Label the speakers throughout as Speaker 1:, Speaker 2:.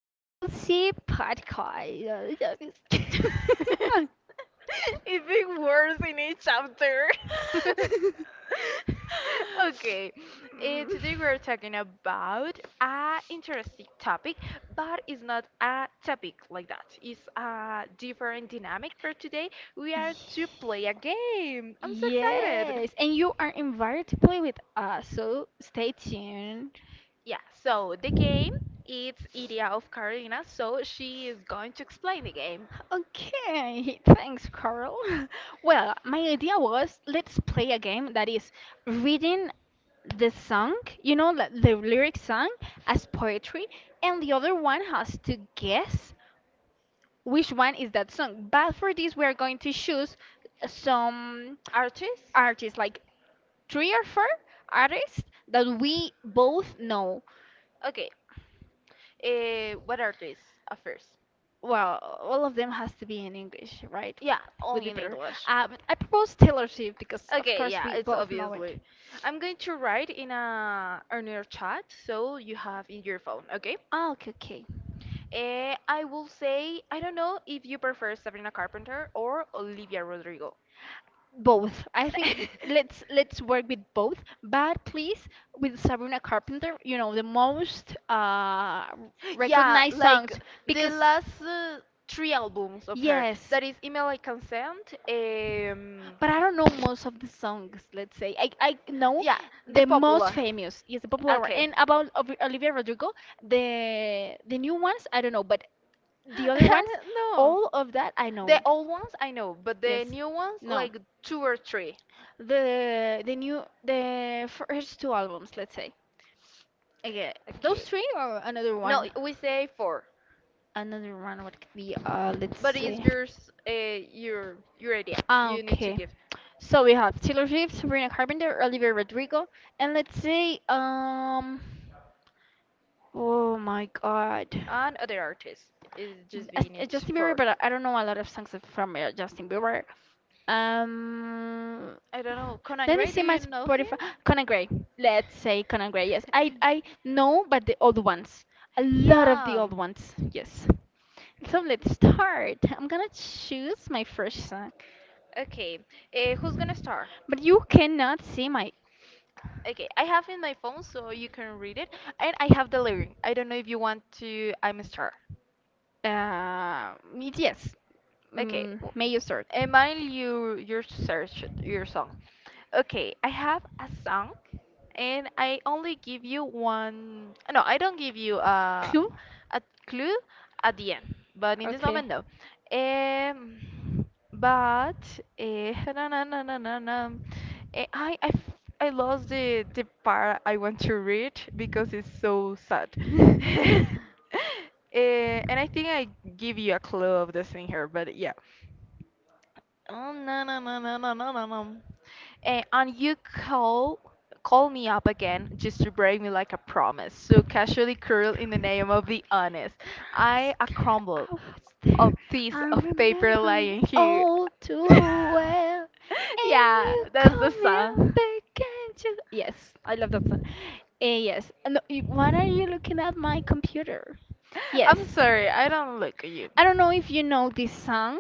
Speaker 1: Double C podcast.
Speaker 2: Even worse in each chapter. okay,
Speaker 1: Mm.
Speaker 2: Today we're talking about a interesting topic, but it's not a topic like that. It's a different dynamic for today. We are to play a game. I'm so excited.
Speaker 1: Yes, and you are invited to play with us, so stay tuned.
Speaker 2: Yeah, so the game it's idea of Carolina, so she is going to explain the game.
Speaker 1: Okay, thanks, Carl. Well, my idea was let's play a game that is reading the song, the lyric song as poetry, and the other one has to guess which one is that song. But for this, we are going to choose some
Speaker 2: Artis?
Speaker 1: artists, like three or four artists that we both know.
Speaker 2: Okay, what are these affairs?
Speaker 1: Well, all of them has to be in English, right?
Speaker 2: Yeah,
Speaker 1: Would be
Speaker 2: only in
Speaker 1: better.
Speaker 2: English.
Speaker 1: I propose Taylor Swift because, of
Speaker 2: Okay,
Speaker 1: course,
Speaker 2: yeah,
Speaker 1: we
Speaker 2: it's
Speaker 1: both know it.
Speaker 2: obviously. I'm going to write in a earlier chat, so you have in your phone, okay?
Speaker 1: Oh, okay, okay.
Speaker 2: I will say, I don't know if you prefer Sabrina Carpenter or Olivia Rodrigo.
Speaker 1: Both. I think let's let's work with both, but please with Sabrina Carpenter, the most
Speaker 2: Yeah,
Speaker 1: recognized
Speaker 2: like
Speaker 1: songs
Speaker 2: the
Speaker 1: because
Speaker 2: last three albums of her.
Speaker 1: yes.
Speaker 2: That is Email I Consent.
Speaker 1: But I don't know most of the songs, let's say. I know
Speaker 2: Yeah, the
Speaker 1: the most
Speaker 2: popular.
Speaker 1: famous, yes, the popular one.
Speaker 2: Okay.
Speaker 1: And about Olivia Rodrigo, the new ones, I don't know, but the other ones,
Speaker 2: No.
Speaker 1: all of that I know
Speaker 2: The
Speaker 1: it.
Speaker 2: old ones I know, but the
Speaker 1: Yes.
Speaker 2: new ones
Speaker 1: No.
Speaker 2: like 2 or 3.
Speaker 1: The first two albums, let's say. Okay. Those
Speaker 2: Okay.
Speaker 1: three or another
Speaker 2: No,
Speaker 1: one?
Speaker 2: we say four,
Speaker 1: Another one what could be let's
Speaker 2: but it's
Speaker 1: see.
Speaker 2: yours, your idea.
Speaker 1: Ah,
Speaker 2: You need to
Speaker 1: okay.
Speaker 2: give.
Speaker 1: So we have Taylor Swift, Sabrina Carpenter, Olivia Rodrigo, and let's say oh my god.
Speaker 2: And other artists, it just be need
Speaker 1: Justin Bieber,
Speaker 2: four.
Speaker 1: but I don't know a lot of songs from Justin Bieber. Um,
Speaker 2: I don't know. Conan
Speaker 1: let me
Speaker 2: Gray, do
Speaker 1: see my
Speaker 2: you know him?
Speaker 1: Spotify. Conan Gray. Let's say Conan Gray. Yes, I know, but the old ones. A lot of the
Speaker 2: Yeah.
Speaker 1: old ones. Yes. So let's start. I'm gonna choose my first song,
Speaker 2: Okay, who's gonna start?
Speaker 1: but you cannot see my
Speaker 2: Okay, I have in my phone so you can read it, and I have the lyric. I don't know if you want to. I'm a star.
Speaker 1: yes.
Speaker 2: Okay,
Speaker 1: Mm,
Speaker 2: w-
Speaker 1: may you start.
Speaker 2: Emile, you your search your song. Okay, I have a song, and I only give you one. No, I don't give you
Speaker 1: Clue.
Speaker 2: a clue at the end, but in this
Speaker 1: Okay.
Speaker 2: moment, no. Um, but I lost the part I want to read because it's so sad. And I think I give you a clue of the thing here, but yeah. Oh no no no no no no no no. And you call me up again just to break me like a promise. So casually curl
Speaker 1: You
Speaker 2: in the
Speaker 1: were the
Speaker 2: name
Speaker 1: name
Speaker 2: of
Speaker 1: of
Speaker 2: the honest.
Speaker 1: me. From
Speaker 2: I a
Speaker 1: scare,
Speaker 2: crumble
Speaker 1: I was
Speaker 2: of
Speaker 1: there.
Speaker 2: piece
Speaker 1: I
Speaker 2: of paper
Speaker 1: remember it
Speaker 2: lying here.
Speaker 1: all too well. And
Speaker 2: Yeah,
Speaker 1: you
Speaker 2: that's the
Speaker 1: call me up
Speaker 2: song.
Speaker 1: again to, yes, I love that song. Yes. No, why are you looking at my computer? Yes.
Speaker 2: I'm sorry, I don't look at you.
Speaker 1: I don't know if you know this song.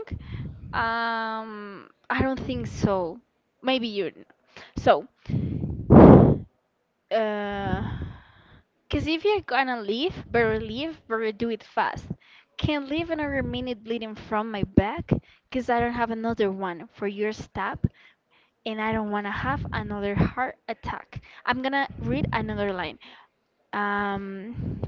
Speaker 1: I don't think so. Maybe you. So, uh, cause if you're gonna leave, better do it fast. Can't leave another minute bleeding from my back, cause I don't have another one for your stab, and I don't wanna have another heart attack. I'm gonna read another line. Um,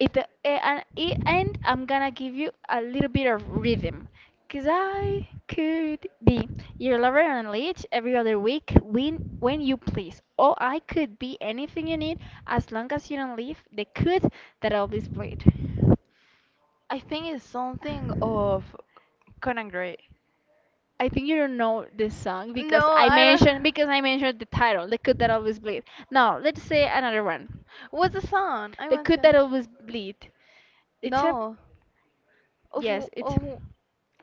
Speaker 1: it, and I'm gonna give you a little bit of rhythm. Cause I could be your lover on a leash every other week when you please. Or I could be anything you need as long as you don't leave the could that always played.
Speaker 2: I think it's something of Conan Gray.
Speaker 1: I think you don't know this song
Speaker 2: No,
Speaker 1: because I
Speaker 2: I don't.
Speaker 1: mentioned because I mentioned the title, the cut that always bleed. Now let's say another one,
Speaker 2: What's the song? I
Speaker 1: the
Speaker 2: want
Speaker 1: cut
Speaker 2: to.
Speaker 1: that always bleed. It's a
Speaker 2: No. Of,
Speaker 1: yes,
Speaker 2: wh-
Speaker 1: it's
Speaker 2: of, wh-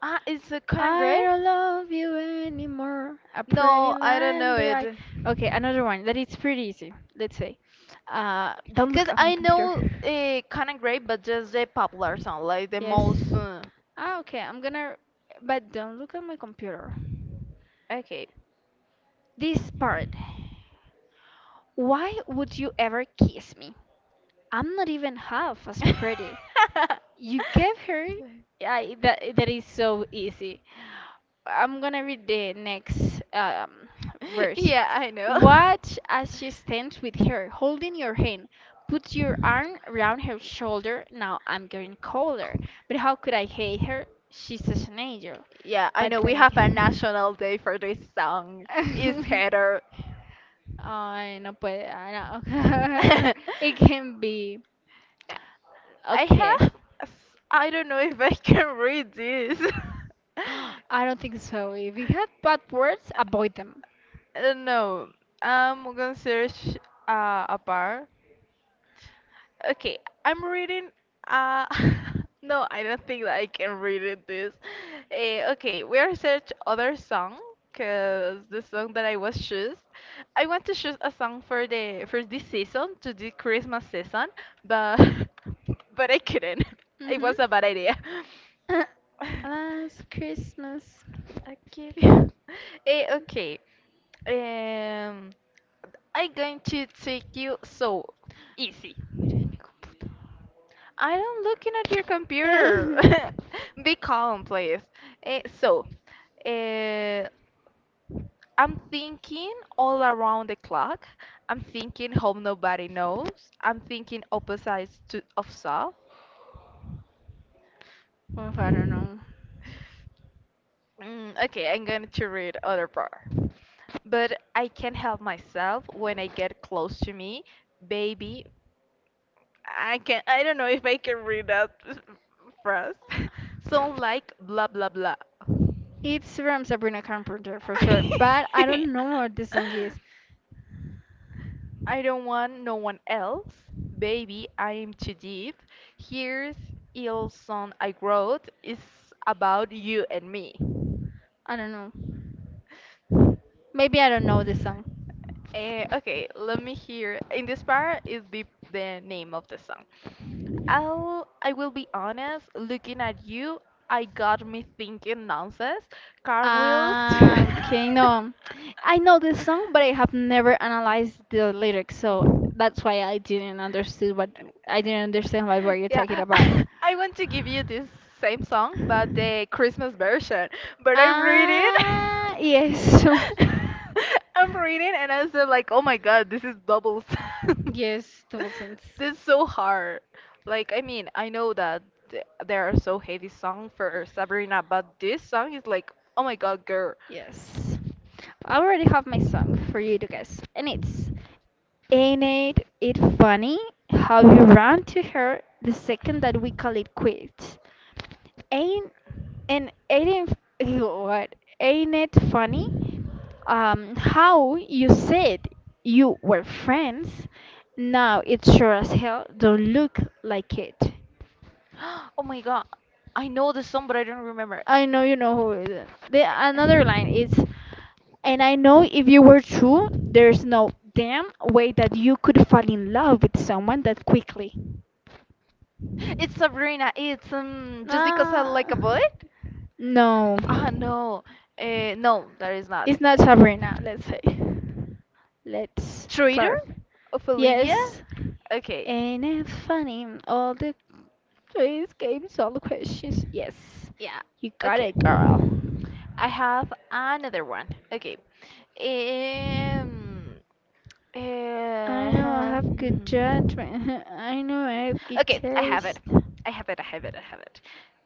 Speaker 2: it's a Conan Gray?
Speaker 1: I don't love you anymore, a pretty
Speaker 2: No, I don't
Speaker 1: line
Speaker 2: know
Speaker 1: that I.
Speaker 2: it.
Speaker 1: Okay, another one that it's pretty easy. Let's say, don't look
Speaker 2: Cause
Speaker 1: at my
Speaker 2: I
Speaker 1: computer.
Speaker 2: know Conan Gray, but just the popular song, like the
Speaker 1: Yes.
Speaker 2: most.
Speaker 1: Ah, okay. I'm gonna, but don't look at my computer.
Speaker 2: Okay.
Speaker 1: This part. Why would you ever kiss me? I'm not even half as pretty. You gave her. I, that is so easy. I'm gonna read the next verse.
Speaker 2: Yeah, I know.
Speaker 1: Watch as she stands with her, holding your hand. Put your arm around her shoulder. Now I'm getting colder, but how could I hate her? She's such an angel.
Speaker 2: Yeah, I
Speaker 1: But
Speaker 2: know we
Speaker 1: then
Speaker 2: have a
Speaker 1: again.
Speaker 2: national day for this song. It's header.
Speaker 1: Ay, no puede. I know.
Speaker 2: I
Speaker 1: It can be. Okay.
Speaker 2: have. I don't know if I can read this.
Speaker 1: I don't think so. If you have bad words,
Speaker 2: Uh,
Speaker 1: avoid them.
Speaker 2: No, I'm gonna search a bar. Okay, I'm reading. Uh, no, I don't think that I can read it this. Okay, we are search other song because the song that I was choose. I want to choose a song for the for this season to the Christmas season, but but I couldn't. It
Speaker 1: Mm-hmm.
Speaker 2: was a bad idea.
Speaker 1: Last Christmas.
Speaker 2: Okay. Eh, okay. Um, I'm going to take you so easy. I am looking at your computer.
Speaker 1: Oof,
Speaker 2: Be calm, please. Eh, so, eh, I'm thinking all around the clock. I'm thinking hope nobody knows. I'm thinking opposites to of self.
Speaker 1: I don't know.
Speaker 2: Mm, okay, I'm going to read other part. But I can't help myself when I get close to me, baby. I can I don't know if I can read that phrase. Sound like blah blah blah.
Speaker 1: It's from Sabrina Carpenter for sure, but I don't know what this song is.
Speaker 2: I don't want no one else. Baby, I am too deep. Here's Ilson I wrote. It's about you and me.
Speaker 1: I don't know. Maybe I don't know this song.
Speaker 2: Okay, let me hear. In this part is the name of the song. I will be honest, looking at you, I got me thinking nonsense. Cartwheels.
Speaker 1: Ah, okay, no. I know the song, but I have never analyzed the lyrics, so that's why I didn't understood I didn't understand what were you
Speaker 2: Yeah,
Speaker 1: talking about.
Speaker 2: I want to give you this same song, but the Christmas version. But I read it.
Speaker 1: Ah, yes.
Speaker 2: I'm reading and I said like, oh my god, this is doubles."
Speaker 1: Yes, thousands.
Speaker 2: This is so hard. Like, I mean, I know that there are so heavy song for Sabrina, but this song is like, oh my god, girl.
Speaker 1: Yes. I already have my song for you to guess, and it's ain't it funny how you ran to her the second that we call it quits. Ain't and ain't it, what? Ain't it funny? How you said you were friends. Now it sure as hell don't look like it.
Speaker 2: Oh my god. I know the song, but I don't remember.
Speaker 1: I know you know who it is. The another line is, and I know if you were true, there's no damn way that you could fall in love with someone that quickly.
Speaker 2: It's Sabrina. It's just because I
Speaker 1: Ah,
Speaker 2: like a boy.
Speaker 1: no.
Speaker 2: Ah no, no, that is not.
Speaker 1: It's not Sabrina, let's say. Let's
Speaker 2: Traitor
Speaker 1: clarify.
Speaker 2: of Olivia.
Speaker 1: Yes.
Speaker 2: Okay.
Speaker 1: And it funny? All the quiz games, all the questions. Yes.
Speaker 2: Yeah.
Speaker 1: You got
Speaker 2: Okay.
Speaker 1: it, girl.
Speaker 2: I have another one. Okay. Um,
Speaker 1: I know I
Speaker 2: uh,
Speaker 1: have good judgment. I know I have good
Speaker 2: Okay, I have it.
Speaker 1: taste.
Speaker 2: I have it. I have it. I have it.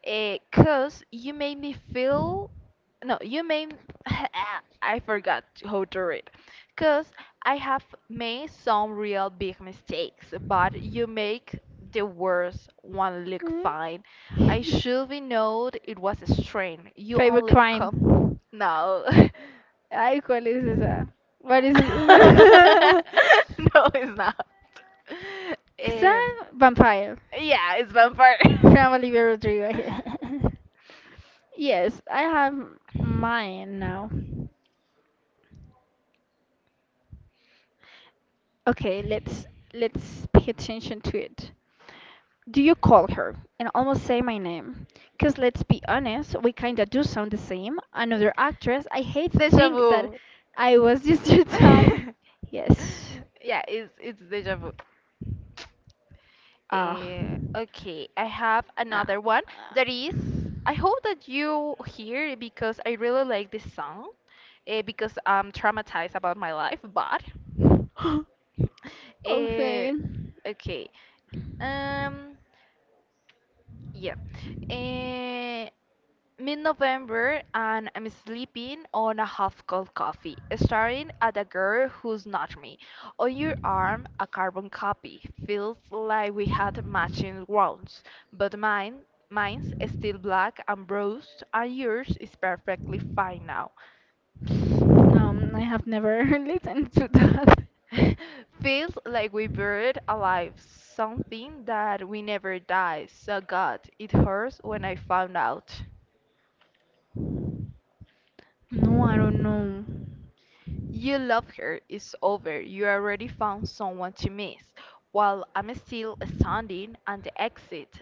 Speaker 2: Cause you made me feel. No, you made. Ah, I forgot how to read. Cause I have made some real big mistakes, but you make the worst one look
Speaker 1: Hmm?
Speaker 2: fine. I should be known it was a strain. You
Speaker 1: Favorite
Speaker 2: only
Speaker 1: crime.
Speaker 2: come. No.
Speaker 1: Ay, ¿cuál es esa? ¿Cuál es?
Speaker 2: No, it's not.
Speaker 1: Quizá
Speaker 2: Um,
Speaker 1: vampire.
Speaker 2: yeah, it's vampire.
Speaker 1: From Olivia Rodrigo. Yes, I have mine now. Okay, let's pay attention to it. Do you call her and almost say my name? Cause let's be honest, we kinda do sound the same. Another actress. I hate to
Speaker 2: Deja
Speaker 1: think
Speaker 2: vu.
Speaker 1: that I was just your type. Yes.
Speaker 2: Yeah, it's deja vu.
Speaker 1: Ah.
Speaker 2: Okay, I have
Speaker 1: Ah.
Speaker 2: another one that is. I hope that you hear it because I really like this song, because I'm traumatized about my life. But
Speaker 1: ah.
Speaker 2: uh,
Speaker 1: Okay.
Speaker 2: okay, um, yeah, uh, Mid-November and I'm sleeping on a half-cold coffee, staring at a girl who's not me. On your arm, a carbon copy. Feels like we had matching wounds, but mine's is still black and bruised, and yours is perfectly fine now.
Speaker 1: No, I have never listened to that.
Speaker 2: Feels like we buried alive something that we never die. So God, it hurts when I found out.
Speaker 1: No, I don't know.
Speaker 2: You love her, it's over. You already found someone to miss. While I'm still standing at the exit.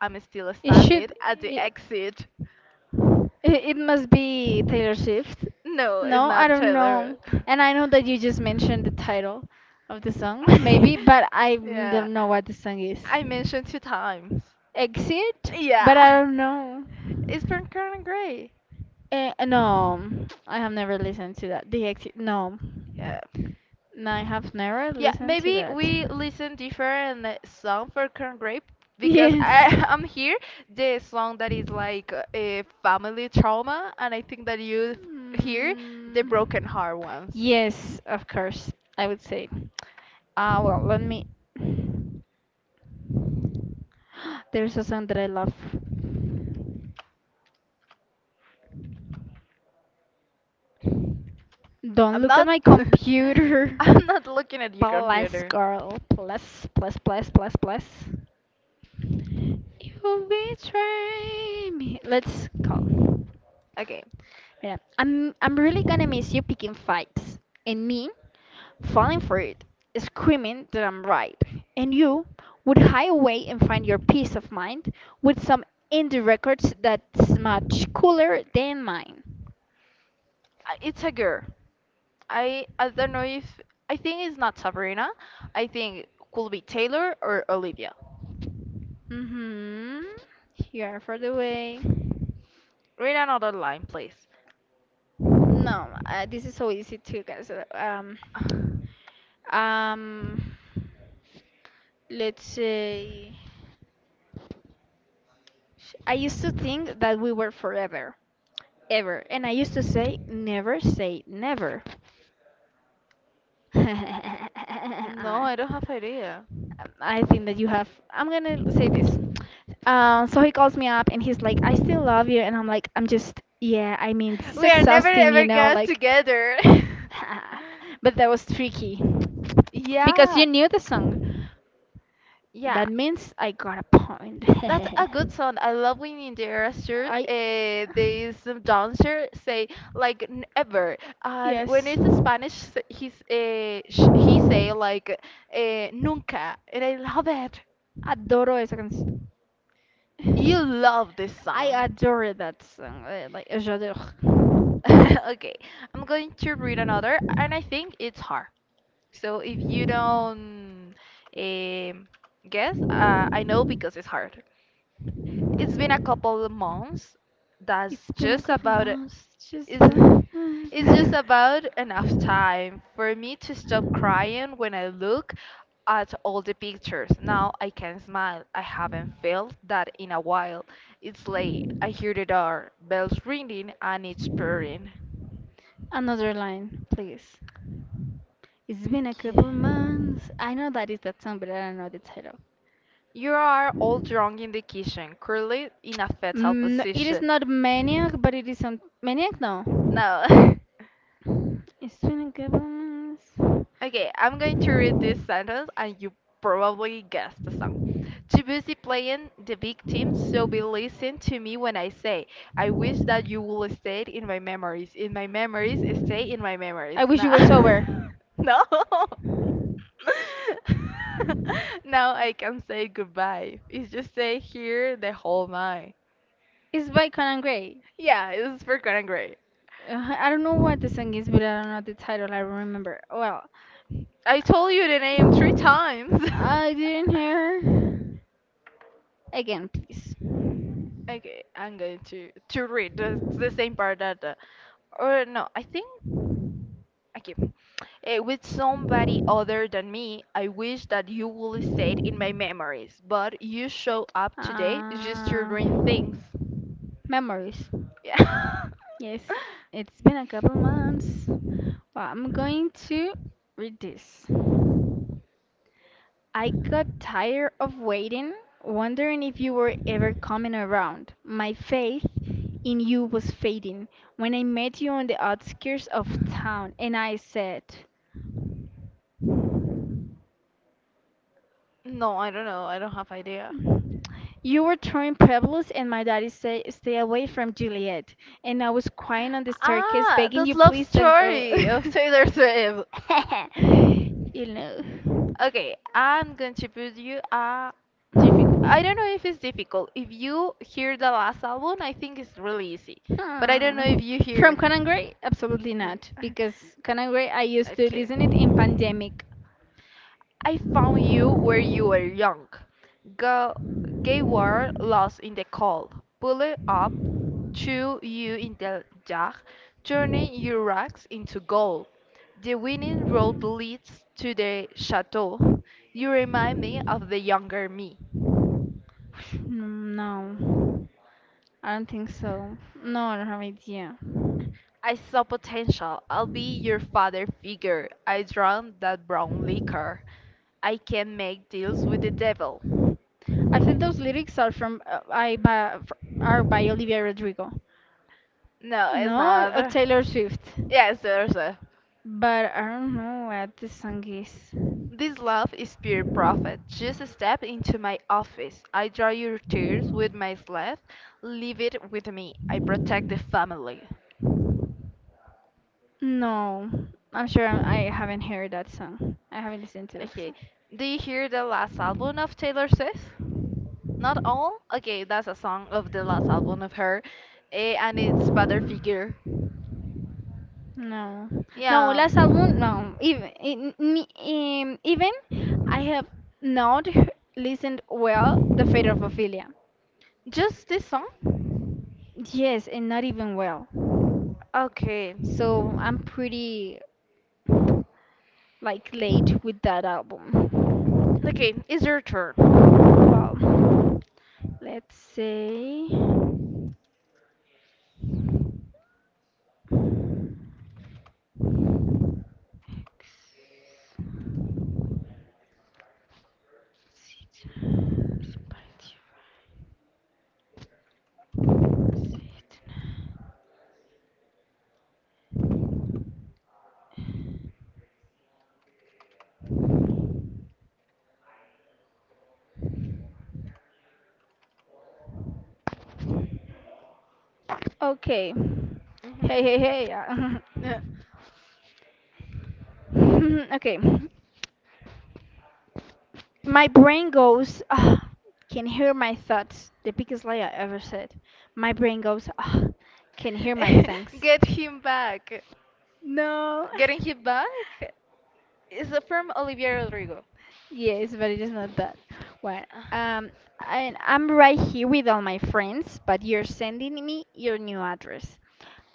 Speaker 2: I'm still
Speaker 1: It should.
Speaker 2: standing at the
Speaker 1: It,
Speaker 2: exit.
Speaker 1: it it must be Taylor Swift.
Speaker 2: No, it's
Speaker 1: No, I
Speaker 2: not
Speaker 1: don't know.
Speaker 2: Taylor.
Speaker 1: And I know that you just mentioned the title of the song, maybe, but I
Speaker 2: Yeah.
Speaker 1: don't know what the song is.
Speaker 2: I mentioned two times.
Speaker 1: Exit? But I
Speaker 2: Yeah.
Speaker 1: don't know.
Speaker 2: It's from Karen Gray.
Speaker 1: No, I have never listened to that. The exit. No,
Speaker 2: Yeah.
Speaker 1: no, I have never
Speaker 2: Yeah,
Speaker 1: listened to
Speaker 2: maybe
Speaker 1: that.
Speaker 2: we listen different song for corn grape because
Speaker 1: Yes.
Speaker 2: I I'm here the song that is like a family trauma and I think that you hear the broken
Speaker 1: Mm,
Speaker 2: heart ones.
Speaker 1: yes, of course. I would say. Ah, well, let me. There's a song that I love. Don't
Speaker 2: I'm
Speaker 1: look at
Speaker 2: not
Speaker 1: my computer.
Speaker 2: I'm not looking at your
Speaker 1: Plus,
Speaker 2: computer.
Speaker 1: girl. Plus, plus, plus, plus, plus. You betray me. Let's call.
Speaker 2: Okay.
Speaker 1: Mira, I'm really gonna miss you picking fights and me falling for it, screaming that I'm right, and you would hide away and find your peace of mind with some indie records that's much cooler than mine.
Speaker 2: It's a girl. I don't know if I think it's not Sabrina. I think it could be Taylor or Olivia.
Speaker 1: Mm-hmm. Here for the way.
Speaker 2: Read another line, please.
Speaker 1: No, this is so easy too, guys. Um, let's say. I used to think that we were forever, ever, and I used to say, never say never.
Speaker 2: No, I don't have idea.
Speaker 1: I think that you have. I'm gonna say this. So he calls me up and he's like, I still love you. And I'm like, I'm just, yeah, I mean, this is
Speaker 2: We are never
Speaker 1: exhausting, you
Speaker 2: ever
Speaker 1: know,
Speaker 2: got
Speaker 1: like,
Speaker 2: together.
Speaker 1: but that was tricky because you
Speaker 2: Yeah,
Speaker 1: knew the song.
Speaker 2: yeah.
Speaker 1: That means I got a point.
Speaker 2: That's a good song. I love when in the answer,
Speaker 1: I.
Speaker 2: this dancer say like never, and when
Speaker 1: Yes,
Speaker 2: it's Spanish, he say like nunca, and I love it.
Speaker 1: adoro esa canción.
Speaker 2: You love this
Speaker 1: I
Speaker 2: song.
Speaker 1: adore that song. Like, j'adore.
Speaker 2: Okay, I'm going to read another, and I think it's hard. So if you don't um, guess, I know because it's hard. It's been a couple of months. That's
Speaker 1: It's been a
Speaker 2: just
Speaker 1: couple
Speaker 2: about it.
Speaker 1: months. Just
Speaker 2: Is it's just about enough time for me to stop crying when I look at all the pictures. Now I can smile. I haven't felt that in a while. It's late. I hear the door bells ringing and it's purring.
Speaker 1: another line, please. It's been a
Speaker 2: Okay.
Speaker 1: couple months. I know that is that song, but I don't know the title.
Speaker 2: You are all drunk in the kitchen, curled in a fetal
Speaker 1: Mm, no, it is
Speaker 2: position.
Speaker 1: not Maniac, but it is on Maniac. No,
Speaker 2: No.
Speaker 1: it's been a couple months.
Speaker 2: Okay, I'm going to read this sentence and you probably guessed the song. Too busy playing the victim, so be listening to me when I say, I wish that you will stay in my memories. In my memories, stay in my memories.
Speaker 1: I wish
Speaker 2: No.
Speaker 1: you were sober.
Speaker 2: No. Now I can say goodbye. It's just say here the whole night.
Speaker 1: It's by Conan Gray.
Speaker 2: Yeah, it's for gonna great.
Speaker 1: I don't know what the song is, but I don't know the title. I don't remember. Well,
Speaker 2: I told you the name 3 times.
Speaker 1: I didn't hear. Again, please.
Speaker 2: Okay, I'm going to read the same part that or no, I think okay. With somebody other than me, I wish that you will stay in my memories, but you show up today just to
Speaker 1: Uh,
Speaker 2: ruin things.
Speaker 1: memories.
Speaker 2: Yeah.
Speaker 1: Yes, it's been a couple months. Well, I'm going to read this. I got tired of waiting, wondering if you were ever coming around. My faith in you was fading when I met you on the outskirts of town, and I said,
Speaker 2: No, I don't know. I don't have idea.
Speaker 1: you were throwing pebbles, and my daddy said, stay away from Juliet. And I was crying on the staircase,
Speaker 2: Ah,
Speaker 1: begging
Speaker 2: this
Speaker 1: you,
Speaker 2: love
Speaker 1: please don't go.
Speaker 2: story of Taylor Swift.
Speaker 1: You know.
Speaker 2: Okay, I'm going to put you a. I don't know if it's difficult. If you hear the last album, I think it's really easy. But I don't know if
Speaker 1: Hmm.
Speaker 2: you
Speaker 1: From
Speaker 2: hear.
Speaker 1: Conan Gray? Absolutely not,
Speaker 2: Uh,
Speaker 1: because Conan Gray, I used to
Speaker 2: Okay.
Speaker 1: listen it in pandemic.
Speaker 2: I found you where you were young. Go, gay war lost in the cold. Pull it up Two you in the dark, turning your rags into gold. The winning road leads to the chateau. You remind me of the younger me.
Speaker 1: Mm, no, I don't think so. No, I don't have idea.
Speaker 2: I saw potential. I'll be your father figure. I drowned that brown liquor. I can make deals with the devil.
Speaker 1: I think those lyrics are from I by, are by Olivia Rodrigo.
Speaker 2: No, it's
Speaker 1: No,
Speaker 2: not.
Speaker 1: Taylor Swift.
Speaker 2: Yes, there's
Speaker 1: But I don't know what the song is.
Speaker 2: This love is pure profit. Just step into my office. I dry your tears with my sleeve. Leave it with me. I protect the family.
Speaker 1: No, I'm sure I haven't heard that song. I haven't listened to it.
Speaker 2: Okay. Do you hear the last album of Taylor Swift? Not all? Okay, that's a song of the last album of her. And it's Father Figure.
Speaker 1: No, no,
Speaker 2: Yeah.
Speaker 1: last album, no. Even in, even I have not listened well the Fate of Ophelia.
Speaker 2: Just this song?
Speaker 1: Yes, and not even well.
Speaker 2: Okay.
Speaker 1: So I'm pretty like late with that album.
Speaker 2: Okay, it's your turn.
Speaker 1: Well, let's say. Okay. Hey, hey,
Speaker 2: Hmm
Speaker 1: hey. Okay. My brain goes, "Ugh," can hear my thoughts. The biggest lie I ever said. My brain goes, "Ugh," can hear my things.
Speaker 2: Get him back.
Speaker 1: No.
Speaker 2: Getting him back is from Olivia Rodrigo.
Speaker 1: Yes, but it is not that. Well,
Speaker 2: Ah,
Speaker 1: um, and I'm right here with all my friends, but you're sending me your new address.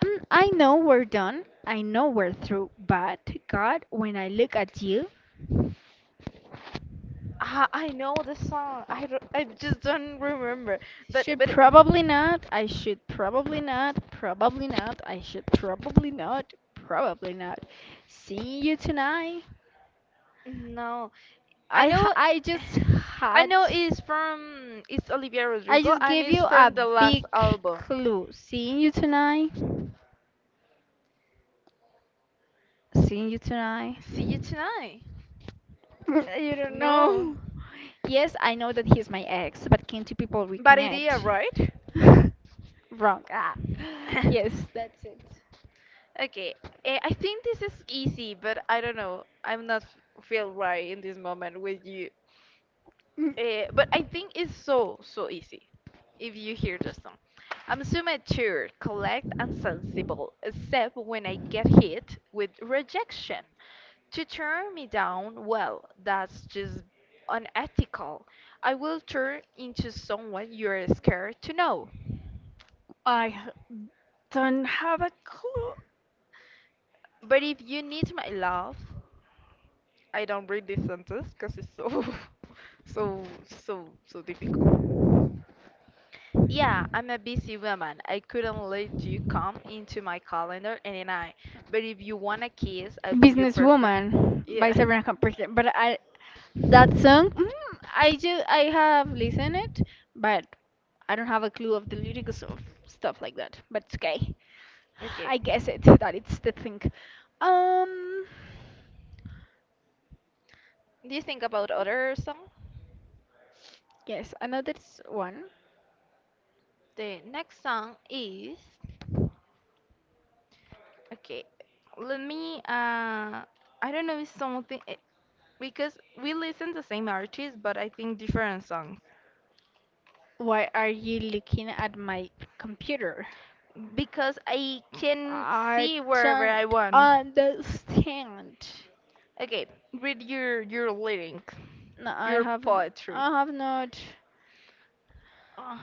Speaker 1: Mm, I know we're done. I know we're through, but God, when I look at you,
Speaker 2: Ah, I know the song. I just don't remember.
Speaker 1: should
Speaker 2: But
Speaker 1: probably not. I should probably not. Probably not. I should probably not. Probably not. See you tonight.
Speaker 2: No, I
Speaker 1: I h-
Speaker 2: know.
Speaker 1: I just
Speaker 2: I
Speaker 1: had
Speaker 2: know it's from it's Olivia
Speaker 1: I
Speaker 2: Rodrigo
Speaker 1: just
Speaker 2: and
Speaker 1: gave you
Speaker 2: it's
Speaker 1: a
Speaker 2: from the
Speaker 1: big
Speaker 2: last album.
Speaker 1: clue. Seeing you tonight. Seeing you tonight.
Speaker 2: See you tonight.
Speaker 1: You don't
Speaker 2: No,
Speaker 1: know. Yes, I know that he's my ex, but can two people
Speaker 2: but it is
Speaker 1: reconnect?
Speaker 2: right.
Speaker 1: Wrong. Ah. Yes, that's it.
Speaker 2: Okay, I think this is easy, but I don't know. I'm not feel right in this moment with you.
Speaker 1: Mm,
Speaker 2: But I think it's so easy if you hear the song. I'm so mature, collect, and sensible, except when I get hit with rejection. To turn me down, well, that's just unethical. I will turn into someone you're scared to know.
Speaker 1: I don't have a clue.
Speaker 2: But if you need my love, I don't read this sentence because it's so so so difficult. Yeah, I'm a busy woman. I couldn't let you come into my calendar any night. But if you want a kiss, I'll be your perfect.
Speaker 1: Businesswoman by
Speaker 2: Yeah.
Speaker 1: Sabrina Carpenter. But I that song, I have listened it, but I don't have a clue of the lyrics of stuff like that. But it's okay. I
Speaker 2: Okay.
Speaker 1: guess it that it's the thing. Um,
Speaker 2: Do you think about other song?
Speaker 1: yes, another one.
Speaker 2: The next song is okay. Let me I don't know if something because we listen the same artist but I think different songs
Speaker 1: Why are you looking at my computer?
Speaker 2: because I can
Speaker 1: I
Speaker 2: see wherever
Speaker 1: don't
Speaker 2: I want.
Speaker 1: understand.
Speaker 2: Okay, read your lyrics,
Speaker 1: No, I
Speaker 2: your
Speaker 1: haven't.
Speaker 2: poetry.
Speaker 1: I have not.
Speaker 2: Uh,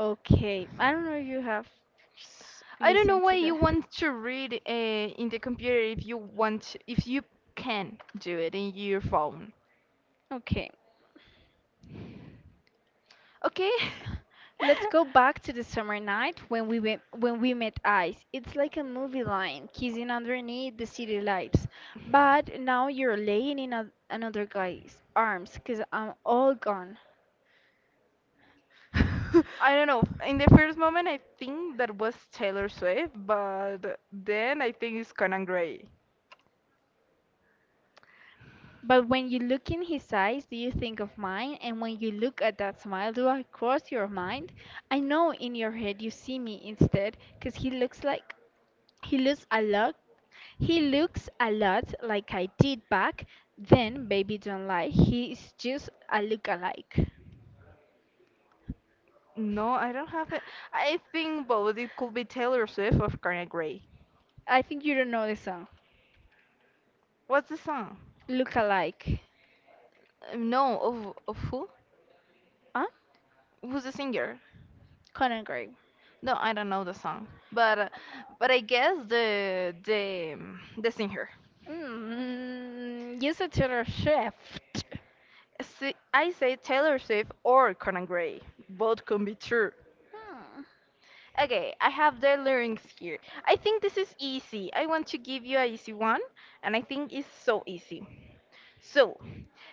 Speaker 1: Okay, I don't know if you have
Speaker 2: I don't know
Speaker 1: listened
Speaker 2: why
Speaker 1: to
Speaker 2: you
Speaker 1: that.
Speaker 2: want to read in the computer if you want to, if you can do it in your phone.
Speaker 1: Okay,
Speaker 2: Okay?
Speaker 1: let's go back to the summer night when we met eyes. It's like a movie line, kissing underneath the city lights. But now you're laying in another guy's arms, I'm all gone.
Speaker 2: I don't know. In the first moment, I think that was Taylor Swift, but then I think it's Conan Gray.
Speaker 1: But when you look in his eyes, do you think of mine? And when you look at that smile, do I cross your mind? I know in your head you see me instead, 'cause he looks like he looks a lot. He looks a lot like I did back then, baby, don't lie. He is just a look-alike.
Speaker 2: No, I don't have it. I think both. It could be Taylor Swift or Conan Gray.
Speaker 1: I think you don't know the song.
Speaker 2: What's the song?
Speaker 1: Look-alike.
Speaker 2: No, of who?
Speaker 1: Huh?
Speaker 2: Who's the singer?
Speaker 1: Conan Gray.
Speaker 2: No, I don't know the song, but but I guess the the singer.
Speaker 1: Mm, use a Taylor Swift.
Speaker 2: See, I say Taylor Swift or Conan Gray. Both can be true.
Speaker 1: Hmm.
Speaker 2: Okay, I have the lyrics here. I think this is easy. I want to give you an easy one, and I think it's so easy. So,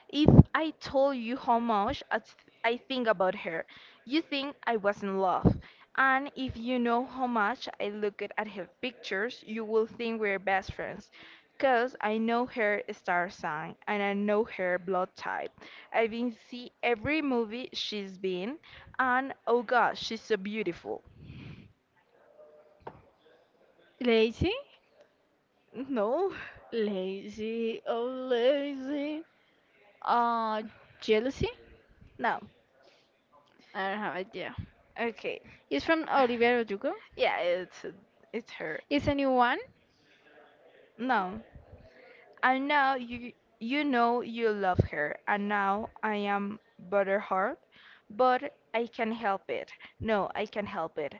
Speaker 2: if I told you how much I think about her, you think I was in love. And if you know how much I looked at her pictures, you will think we're best friends. Cause I know her star sign and I know her blood type. I've been see every movie she's been and oh gosh, she's so beautiful.
Speaker 1: Lazy?
Speaker 2: No.
Speaker 1: Lazy, oh lazy. Uh, Jealousy?
Speaker 2: No.
Speaker 1: I don't have idea.
Speaker 2: Okay.
Speaker 1: It's from Olivia Rodrigo.
Speaker 2: Yeah, it's her.
Speaker 1: It's a new one?
Speaker 2: No. And now you know you love her and now I am butterheart, but I can help it. No, I can help it.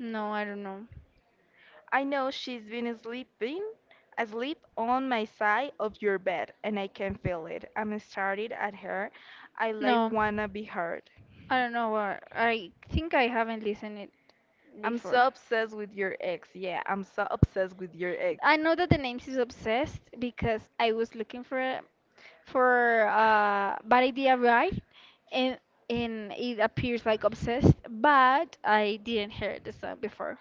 Speaker 1: No, I don't know.
Speaker 2: I know she's been sleeping asleep on my side of your bed and I can feel it. I'm started at her. I like
Speaker 1: No,
Speaker 2: wanna be hurt.
Speaker 1: I don't know where. I think I haven't listened it
Speaker 2: I'm
Speaker 1: before.
Speaker 2: so obsessed with your ex. Yeah, I'm so obsessed with your ex.
Speaker 1: I know that the name is obsessed because I was looking for for bad idea right and it appears like obsessed, but I didn't hear the song before.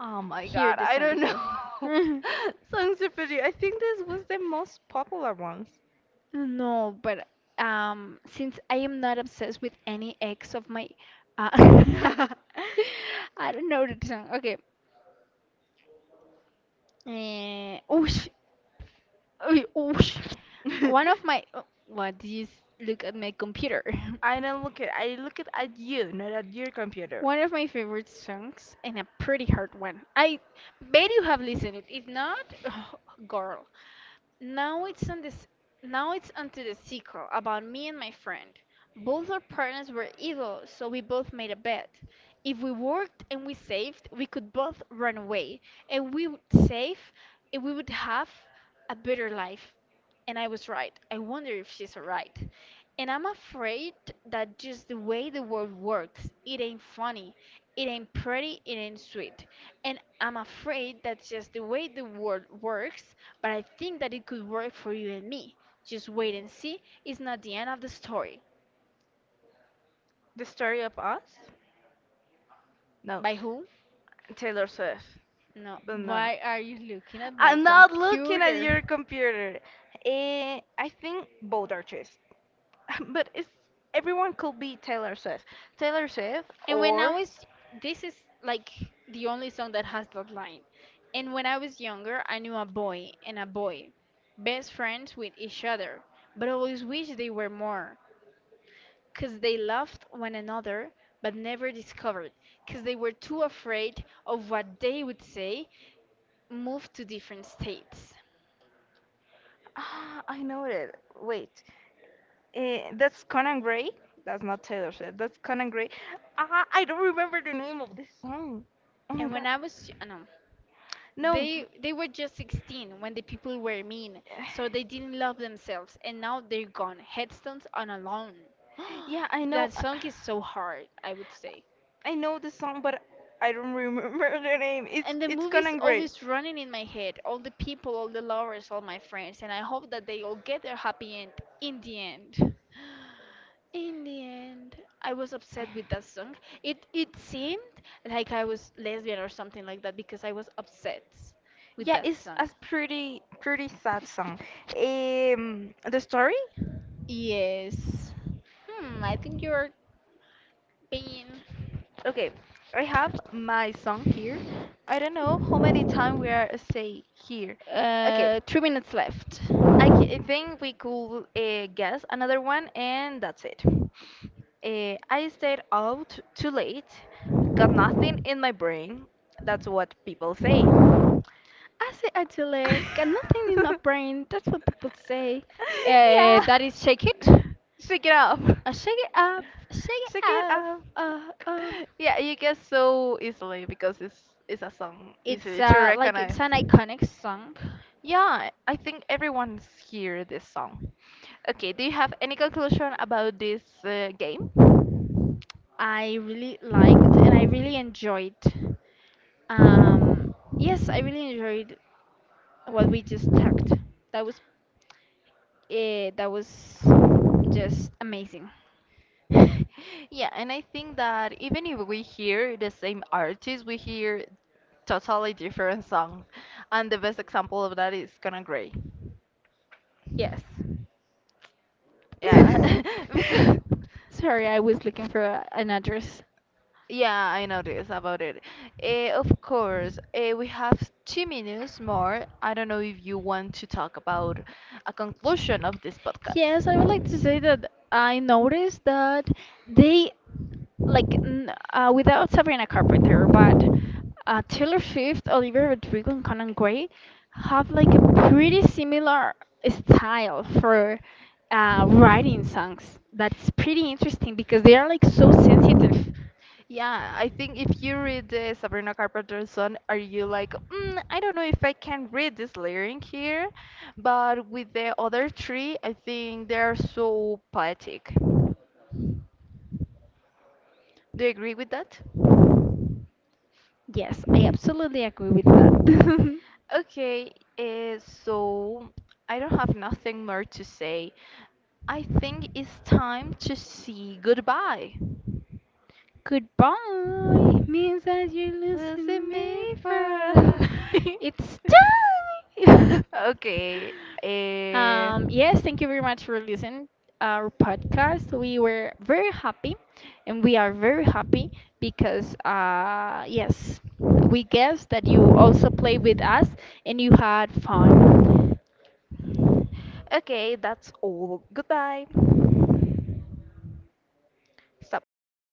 Speaker 2: Oh my
Speaker 1: Hear
Speaker 2: god,
Speaker 1: the
Speaker 2: I
Speaker 1: song
Speaker 2: don't
Speaker 1: before.
Speaker 2: know. Songs of Pity. I think this was the most popular ones.
Speaker 1: No, but since I am not obsessed with any ex of my, uh,
Speaker 2: I
Speaker 1: I don't know the song. Okay. Oosh, uy, oosh. One of my, oh, what did you look at my computer?
Speaker 2: don't look at I look at you, not at your computer.
Speaker 1: One of my favorite songs and a pretty hard one. I bet you have listened it. If not, girl, now it's on this. Now it's onto the sequel about me and my friend. Both our partners were evil, so we both made a bet. If we worked and we saved, we could both run away, and we would save, and we would have a better life. And I was right. I wonder if she's right. And I'm afraid that just the way the world works, it ain't funny, it ain't pretty, it ain't sweet. And I'm afraid that's just the way the world works, but I think that it could work for you and me. Just wait and see. It's not the end of the story.
Speaker 2: The story of us? No.
Speaker 1: By who?
Speaker 2: Taylor Swift.
Speaker 1: No,
Speaker 2: But no.
Speaker 1: why are you looking at my
Speaker 2: I'm not looking at
Speaker 1: computer?
Speaker 2: your computer. Eh, I think both are artists. But it's everyone could be Taylor Swift. Taylor Swift
Speaker 1: And when I
Speaker 2: or
Speaker 1: was, This is like the only song that has that line. And when I was younger, I knew a boy and a boy, best friends with each other, but always wished they were more. 'Cause they loved one another, but never discovered. 'Cause they were too afraid of what they would say, moved to different states.
Speaker 2: ah, I know it. Wait, that's Conan Gray. That's not Taylor Swift. That's Conan Gray. Ah, I don't remember the name of this song. Oh my
Speaker 1: And when
Speaker 2: god.
Speaker 1: I was, y- no,
Speaker 2: No.
Speaker 1: They were just 16 when the people were mean, so they didn't love themselves, and now they're gone, headstones and alone.
Speaker 2: Yeah, I
Speaker 1: That
Speaker 2: know.
Speaker 1: song is so hard, I would say.
Speaker 2: I know the song, but I don't remember the name. It's
Speaker 1: And the
Speaker 2: it's
Speaker 1: movie's
Speaker 2: Conan Gray.
Speaker 1: always running in my head. All the people, all the lovers, all my friends, and I hope that they all get their happy end in the end. In the end, I was upset with that song. It seemed like I was lesbian or something like that because I was upset with
Speaker 2: Yeah,
Speaker 1: that
Speaker 2: it's
Speaker 1: song.
Speaker 2: a pretty sad song. The story?
Speaker 1: Yes. Hmm, I think you're being
Speaker 2: Okay, I have my song here. I don't know how many time we are say here. Okay,
Speaker 1: uh 3 minutes left.
Speaker 2: I think we could guess another one and that's it. I stayed out too late, got nothing in my brain. That's what people say.
Speaker 1: I say I delay, got nothing in my brain. That's what people say.
Speaker 2: Yeah.
Speaker 1: That is shake it.
Speaker 2: Shake it up.
Speaker 1: I shake it up, shake it
Speaker 2: Shake it
Speaker 1: up.
Speaker 2: up.
Speaker 1: Uh, um,
Speaker 2: Yeah, you get so easily because it's a song
Speaker 1: it's
Speaker 2: easily to
Speaker 1: like
Speaker 2: recognize.
Speaker 1: it's an iconic song.
Speaker 2: Yeah, I think everyone's hear this song. Okay, do you have any conclusion about this game?
Speaker 1: I really liked and I really enjoyed. Um, yes, I really enjoyed what we just talked. That was that was just amazing.
Speaker 2: Yeah, and I think that even if we hear the same artist, we hear totally different songs. And the best example of that is Gonna Grey.
Speaker 1: Yes.
Speaker 2: Yeah, because
Speaker 1: Sorry, I was looking for an address.
Speaker 2: yeah, I noticed about it. Eh, of course, eh, we have 2 minutes more. I don't know if you want to talk about a conclusion of this
Speaker 1: Yes, I would like to
Speaker 2: podcast.
Speaker 1: say that I noticed that they like without Sabrina Carpenter, but Taylor Swift, Olivia Rodrigo, and Conan Gray have like a pretty similar style for writing songs. That's pretty interesting because they are like so sensitive.
Speaker 2: Yeah, I think if you read the Sabrina Carpenter's song, are you like, mm, I don't know if I can read this lyric here, but with the other three, I think they are so poetic. Do you agree with that?
Speaker 1: Yes, I absolutely agree with that.
Speaker 2: Okay, so I don't have nothing more to say. I think it's time to see goodbye.
Speaker 1: Goodbye means that you're
Speaker 2: Was it
Speaker 1: losing
Speaker 2: me
Speaker 1: me
Speaker 2: for
Speaker 1: for a lot.
Speaker 2: a-
Speaker 1: It's time.
Speaker 2: Okay. eh,
Speaker 1: Yes, thank you very much for listening our podcast. We were very happy, and we are very happy because yes, we guess that you also played with us and you had fun.
Speaker 2: okay, that's all. Goodbye.
Speaker 1: Good.
Speaker 2: Stop.